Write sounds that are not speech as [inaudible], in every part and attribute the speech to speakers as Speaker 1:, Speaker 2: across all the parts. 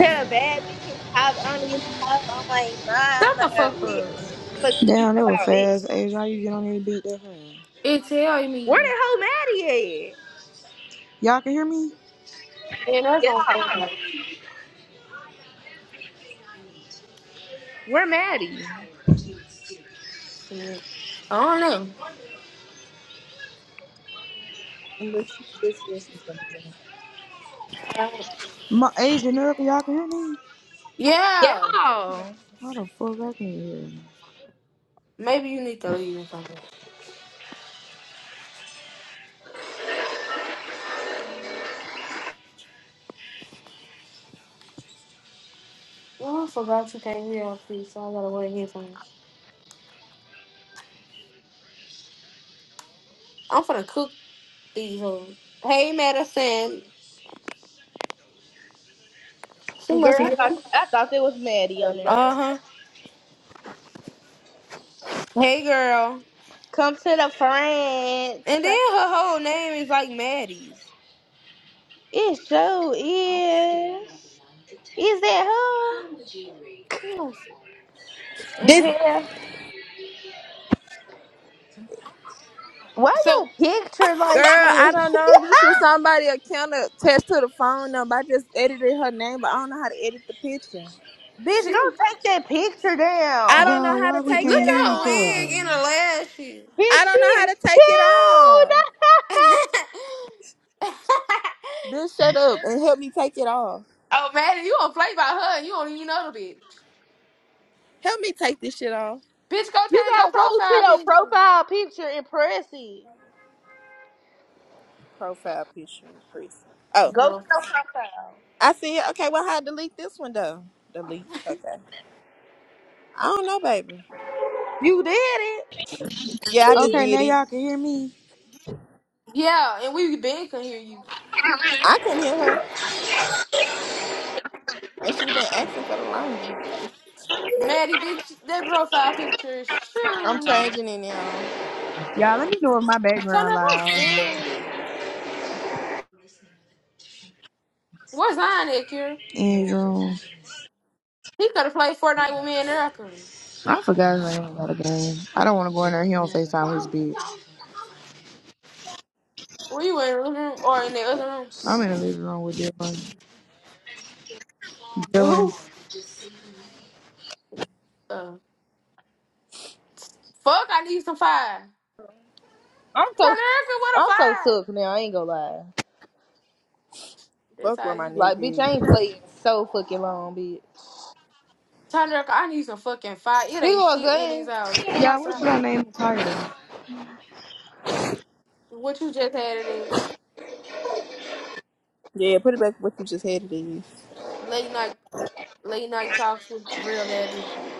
Speaker 1: Tell a bad bitch his top on his hoe. I'm like,
Speaker 2: Shut
Speaker 1: mama,
Speaker 2: the fuck up.
Speaker 1: bitch. Fuck you
Speaker 3: Damn,
Speaker 1: talking
Speaker 3: that was
Speaker 1: about,
Speaker 3: fast.
Speaker 1: bitch.
Speaker 3: Asia, how you get on there beat that fast?
Speaker 2: It tell
Speaker 1: Where
Speaker 2: me.
Speaker 1: the hell Maddie at?
Speaker 3: Y'all can hear me?
Speaker 2: And that's
Speaker 1: Yeah.
Speaker 2: gonna fuck up.
Speaker 1: Where Maddie?
Speaker 2: shit. I don't
Speaker 1: But she just listened to me.
Speaker 2: know.
Speaker 3: My Asia Miracle, y'all can hear me?
Speaker 2: Yeah.
Speaker 1: Yeah.
Speaker 3: How the fuck I can hear?
Speaker 2: Maybe you need to leave and come back. Oh, I forgot you came here on free, so I gotta wear headphones. I'm finna cook these hoes. Hey, Madison. She must
Speaker 1: Girl, I
Speaker 2: be.
Speaker 1: thought, I thought there was Maddie on there.
Speaker 2: Uh huh. Hey, girl.
Speaker 1: Come to the France.
Speaker 2: And then her whole name is like Maddie's.
Speaker 1: It sure is. Is that her?
Speaker 2: Yes.
Speaker 4: This
Speaker 1: Hell. Why
Speaker 2: So
Speaker 1: your picture like
Speaker 4: girl, I
Speaker 1: that?
Speaker 4: don't know. This was somebody account attached to the phone number. I just edited her name, but I don't know how to edit the picture.
Speaker 1: [laughs] Bitch, go
Speaker 2: she
Speaker 1: take that picture
Speaker 4: I
Speaker 1: down.
Speaker 4: don't know
Speaker 3: Y'all,
Speaker 4: how
Speaker 3: why
Speaker 4: to
Speaker 3: we
Speaker 4: take
Speaker 2: look
Speaker 3: can't
Speaker 4: it
Speaker 3: hear
Speaker 2: at her
Speaker 3: each other?
Speaker 2: wig
Speaker 4: off.
Speaker 2: and her
Speaker 1: Bitch,
Speaker 4: I
Speaker 1: she
Speaker 4: don't know how
Speaker 1: is
Speaker 4: to take it
Speaker 1: chilled.
Speaker 4: off.
Speaker 1: [laughs]
Speaker 2: lashes.
Speaker 4: Bitch, shut
Speaker 2: [laughs]
Speaker 4: up and help me take it off.
Speaker 2: Oh, Maddie, you don't play by her and you don't even know the bitch.
Speaker 4: Help me take this shit off.
Speaker 2: Bitch, go
Speaker 1: you
Speaker 2: change your
Speaker 1: gotta go to
Speaker 2: profile
Speaker 1: your
Speaker 2: picture.
Speaker 1: profile picture and press it.
Speaker 4: Profile picture, Chris. Oh,
Speaker 1: Go to
Speaker 2: Bro.
Speaker 1: your profile.
Speaker 4: I see it. Okay, well, how to delete this one though? Delete. Okay. I don't know, baby.
Speaker 1: You did it.
Speaker 4: Yeah, I just
Speaker 3: Okay,
Speaker 4: did
Speaker 3: now
Speaker 4: it.
Speaker 3: y'all can hear me.
Speaker 2: Yeah, and we been can hear you.
Speaker 4: I couldn't hear her, and she been asking for the longest.
Speaker 2: Maddie, bitch, that profile picture is
Speaker 4: I'm
Speaker 2: true.
Speaker 4: changing it now.
Speaker 3: Y'all, let me know if my
Speaker 2: So I'm
Speaker 3: background loud.
Speaker 2: scared. Where's Zion at, Kira?
Speaker 3: Andrew,
Speaker 2: He could have played Fortnite with me in there. I
Speaker 3: I forgot his name about the game. I don't want to go in there. He on Facetime his bitch.
Speaker 2: Were you in the living room or in the other room?
Speaker 3: I'm in the living room with Dylan.
Speaker 2: With who?
Speaker 3: Dylan.
Speaker 2: Uh, fuck, I need some fire.
Speaker 1: I'm so
Speaker 2: Tanerica, what a
Speaker 1: I'm so
Speaker 2: fire.
Speaker 1: shook now. I ain't gonna lie.
Speaker 2: That's
Speaker 4: Fuck
Speaker 2: how
Speaker 4: with my
Speaker 2: you.
Speaker 1: Like, bitch,
Speaker 4: nigga.
Speaker 1: I ain't playing so fucking long, bitch.
Speaker 2: Tanerica, I need some fucking fire. It
Speaker 1: He
Speaker 2: ain't
Speaker 1: want a
Speaker 2: shit in these
Speaker 1: gun.
Speaker 2: house. Come
Speaker 3: Yeah, what
Speaker 2: outside.
Speaker 3: should I name the title?
Speaker 2: What you just had it is.
Speaker 4: Yeah, yeah, put it back what you just had It is
Speaker 2: Late night, late night talks with real bad bitches.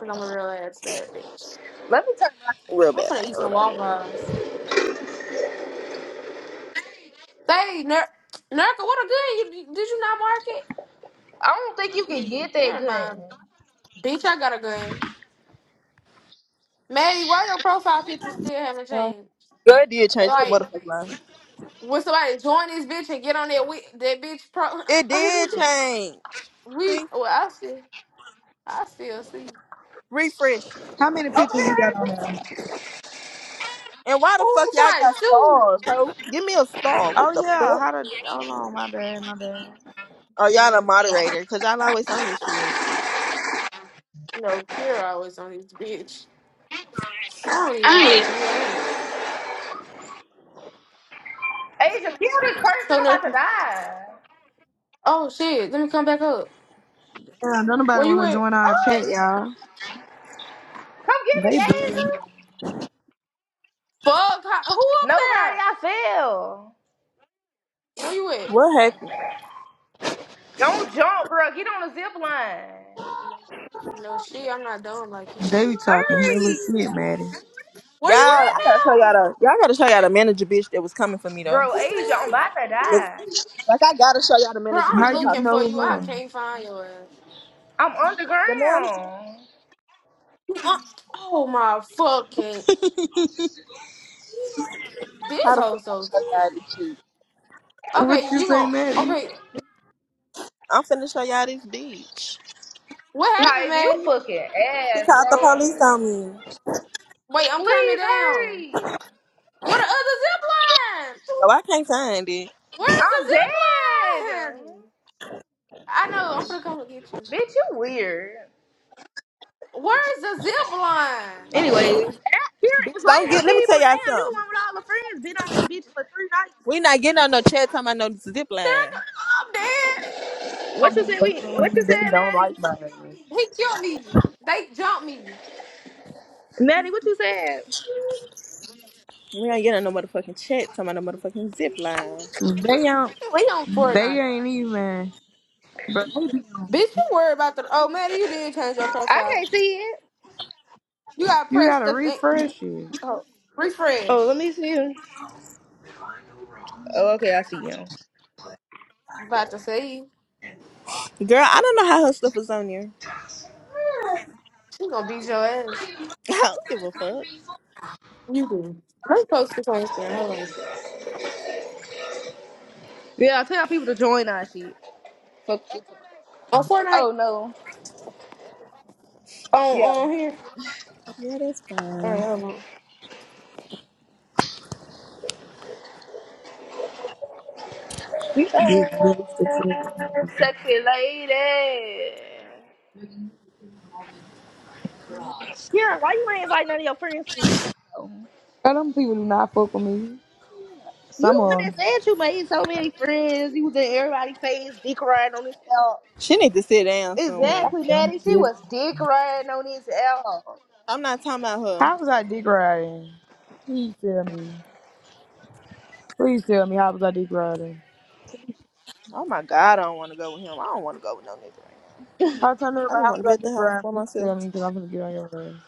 Speaker 2: Cause I'm a real ass bad bitch.
Speaker 1: Let me tell you.
Speaker 4: Real
Speaker 2: I'm
Speaker 4: bad
Speaker 2: finna
Speaker 4: thing,
Speaker 2: eat
Speaker 4: real
Speaker 2: some
Speaker 4: bad thing.
Speaker 2: waffles. Hey, Ner- Nerka, what a gun you did you not mark it?
Speaker 1: I don't think you can get that
Speaker 2: Never
Speaker 1: gun.
Speaker 2: mind, bitch. I got a gun. Maddie, why your profile picture still haven't
Speaker 3: Uh,
Speaker 2: changed?
Speaker 4: Girl, it did change. You're a
Speaker 2: Like,
Speaker 4: motherfucking lie.
Speaker 2: when somebody join this bitch and get on that we- that bitch pro,
Speaker 4: It did
Speaker 2: [laughs]
Speaker 4: change.
Speaker 2: we
Speaker 4: See?
Speaker 2: well, I still I still see.
Speaker 4: Refresh it.
Speaker 3: How many
Speaker 1: Over
Speaker 3: pictures you
Speaker 1: here,
Speaker 3: got on
Speaker 1: Asia.
Speaker 3: there?
Speaker 4: And why the fuck
Speaker 2: Oh,
Speaker 4: y'all
Speaker 2: somebody
Speaker 4: got
Speaker 2: shoot.
Speaker 4: stars, ho? Give me a star. What
Speaker 3: Oh
Speaker 4: the
Speaker 3: yeah,
Speaker 4: fuck?
Speaker 3: how to? Hold on, my bad, my bad.
Speaker 4: Oh, y'all a moderator, because y'all always on this shit.
Speaker 2: No, Kira always on this bitch. I don't even know how to
Speaker 4: Hey,
Speaker 2: be her.
Speaker 1: Asia, kill this person.
Speaker 2: So
Speaker 1: I'm
Speaker 2: nurse,
Speaker 1: about to die.
Speaker 2: oh shit, let me come back up.
Speaker 3: Yeah, don't nobody
Speaker 2: Where you
Speaker 3: want to
Speaker 2: at?
Speaker 3: join our
Speaker 1: Oh,
Speaker 3: chat, y'all.
Speaker 1: come
Speaker 3: They
Speaker 1: get me,
Speaker 3: bullying.
Speaker 1: Asia.
Speaker 2: Fuck, how, who up
Speaker 1: Nobody,
Speaker 2: there?
Speaker 1: I fell.
Speaker 2: Where you at?
Speaker 4: What happened?
Speaker 1: Don't jump, bro. Get on the zip line.
Speaker 2: No shit, I'm not dumb like you.
Speaker 3: They be talking hella
Speaker 1: Hurry,
Speaker 3: shit, Maddie.
Speaker 2: Where
Speaker 4: Y'all,
Speaker 2: you at
Speaker 4: I gotta show y'all
Speaker 2: now?
Speaker 4: the, y'all gotta show y'all the manager bitch that was coming for me, though.
Speaker 1: bro. Asia, I'm about to
Speaker 4: That's,
Speaker 2: Wait,
Speaker 1: die.
Speaker 4: like, I gotta show y'all the
Speaker 2: Bro,
Speaker 4: manager
Speaker 2: I'm
Speaker 4: bitch
Speaker 3: How
Speaker 4: that
Speaker 3: you
Speaker 2: looking
Speaker 4: talked to
Speaker 2: for
Speaker 4: me.
Speaker 3: know
Speaker 2: you. I
Speaker 3: her?
Speaker 2: can't find your ass.
Speaker 1: I'm
Speaker 4: The manager?
Speaker 1: underground.
Speaker 2: You un- oh my fucking this
Speaker 4: How the
Speaker 2: whole
Speaker 4: fuck I
Speaker 2: so
Speaker 4: show y'all this shit?
Speaker 3: What
Speaker 2: okay.
Speaker 3: you
Speaker 2: You
Speaker 3: say,
Speaker 2: gon'
Speaker 3: Maddie? You
Speaker 2: okay?
Speaker 4: I'm finna show y'all this bitch.
Speaker 2: What happened,
Speaker 1: Taj, you
Speaker 2: man?
Speaker 1: fucking
Speaker 4: She
Speaker 1: ass,
Speaker 4: called the police
Speaker 1: bro.
Speaker 4: on me.
Speaker 2: Wait, I'm coming
Speaker 1: Please
Speaker 2: down.
Speaker 1: hurry.
Speaker 2: What the other zip line?
Speaker 4: Oh, I can't find it.
Speaker 2: Where's the
Speaker 1: I'm dead.
Speaker 2: zip line? I know I'm finna come and get you.
Speaker 1: Bitch, you weird.
Speaker 2: Where's the zip line?
Speaker 1: Anyways, ask here
Speaker 4: Bitch,
Speaker 1: invite
Speaker 4: don't
Speaker 1: some
Speaker 4: get. Let me
Speaker 1: people.
Speaker 4: tell y'all
Speaker 1: Damn, you the
Speaker 4: something.
Speaker 1: one with all the friends. Been on this bitch for three nights.
Speaker 4: We not getting on no chat talking about no zip line.
Speaker 2: I'm dead.
Speaker 1: What
Speaker 3: going
Speaker 1: you
Speaker 3: be
Speaker 1: said? We
Speaker 3: fucking
Speaker 1: what
Speaker 3: with me.
Speaker 1: you
Speaker 3: They
Speaker 1: said,
Speaker 3: don't
Speaker 1: Maddie?
Speaker 3: like my ass.
Speaker 2: He killed me. They jumped me.
Speaker 1: Maddie, what you said?
Speaker 4: We ain't getting on no motherfucking chat talking about no motherfucking zip line.
Speaker 3: They don't.
Speaker 2: We on
Speaker 3: They
Speaker 2: Fortnite.
Speaker 3: ain't even. But they be on.
Speaker 2: Bitch, you worry about the. Oh, man, you did change your
Speaker 1: I
Speaker 2: profile.
Speaker 1: can't see it.
Speaker 2: You gotta
Speaker 3: You
Speaker 2: press
Speaker 3: gotta
Speaker 2: the thing.
Speaker 3: refresh it.
Speaker 2: Oh,
Speaker 1: Oh,
Speaker 2: refresh.
Speaker 1: let me see you. Oh, okay, I see you.
Speaker 2: About to say,
Speaker 4: Girl, I don't know how her stuff is on there.
Speaker 2: she gonna beat your ass.
Speaker 4: [laughs] I don't give a fuck.
Speaker 2: You do. Let's post this on Instagram. Hold on.
Speaker 1: Yeah, tell people to join our shit. Fuck you.
Speaker 2: On Fortnite?
Speaker 1: Oh no. Yeah.
Speaker 2: On, on here?
Speaker 4: Yeah, that's
Speaker 2: All right,
Speaker 4: fine.
Speaker 2: hold on.
Speaker 3: These big bitches that you have.
Speaker 1: Sexy lady. Kira, why you ain't invite none of your friends to this
Speaker 3: Girl, them people do not fuck with me.
Speaker 1: You
Speaker 3: Some of
Speaker 1: the one
Speaker 3: them.
Speaker 1: that said you made so many friends. You was in everybody's face, dick riding on this L.
Speaker 4: She need to sit down
Speaker 3: Girl,
Speaker 4: somewhere.
Speaker 3: I
Speaker 1: Exactly, Maddie.
Speaker 3: don't be
Speaker 1: She
Speaker 3: dick.
Speaker 1: was dick riding on this L.
Speaker 4: I'm not talking about her.
Speaker 3: How was I dick riding? Please tell me. Please tell me how was I dick riding?
Speaker 4: Oh my god, I don't want to go with him. I don't want to go with no nigga right now.
Speaker 3: I'll turn it
Speaker 4: I just
Speaker 3: I'm
Speaker 4: want to be
Speaker 3: gonna
Speaker 4: at
Speaker 3: be
Speaker 4: the house
Speaker 3: brown.
Speaker 4: by
Speaker 3: You can
Speaker 4: myself.
Speaker 3: tell me because I'm gonna get on your ass.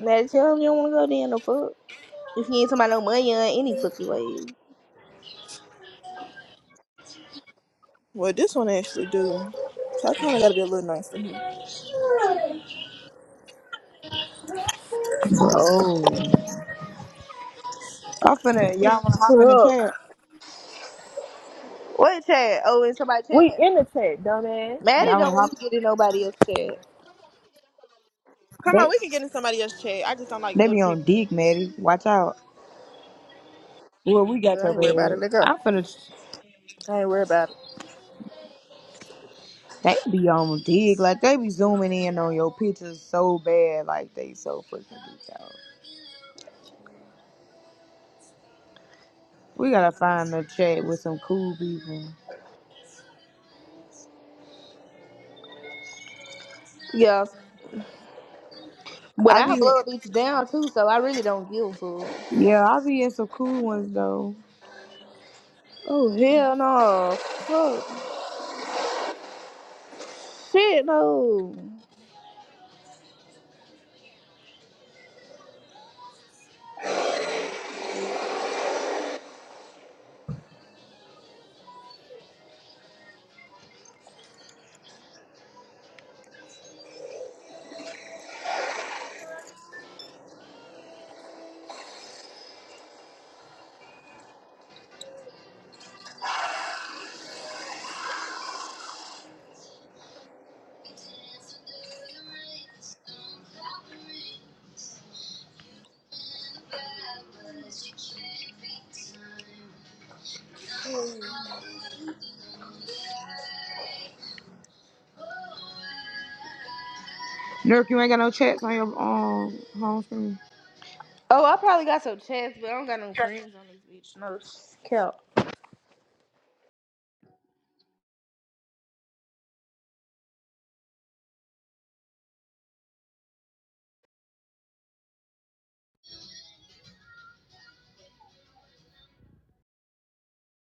Speaker 1: Maddie, tell him you don't want to go there no fuck. If you ain't somebody no money or any fucking way.
Speaker 4: Well, this one actually do. So I kind of got to be a little nice to him.
Speaker 3: Oh. I'm finna. Y'all wanna hop in the
Speaker 4: Fuck.
Speaker 3: chat?
Speaker 1: What chat? Oh, in somebody
Speaker 4: We
Speaker 1: chat.
Speaker 4: in the chat, dumbass.
Speaker 1: Maddie
Speaker 3: Y'all wanna
Speaker 1: don't
Speaker 3: hop?
Speaker 1: want to get in nobody else chat.
Speaker 4: Come on,
Speaker 3: They
Speaker 4: we can get in somebody else's chat. I just don't like
Speaker 3: they
Speaker 4: other
Speaker 3: be on
Speaker 4: people.
Speaker 3: dig, Maddie. Watch out. Well, we got
Speaker 4: Girl, I
Speaker 3: your
Speaker 4: ain't worried about it.
Speaker 3: red.
Speaker 4: Let go.
Speaker 3: I'm finna.
Speaker 4: I ain't worried about it.
Speaker 3: They be on dig like they be zooming in on your pictures so bad, like they so freaking detailed. We gotta find a chat with some cool people.
Speaker 1: Yes. But
Speaker 3: I
Speaker 1: I
Speaker 3: be
Speaker 1: blow a bitch down too, so I really don't give a fuck.
Speaker 3: yeah, I be in some cool ones though.
Speaker 1: Oh hell no. Fuck. Shit no.
Speaker 3: Nurk, you ain't got no chats on your um home screen.
Speaker 1: Oh, I probably got some chats, but I don't got no friends on this bitch. No count.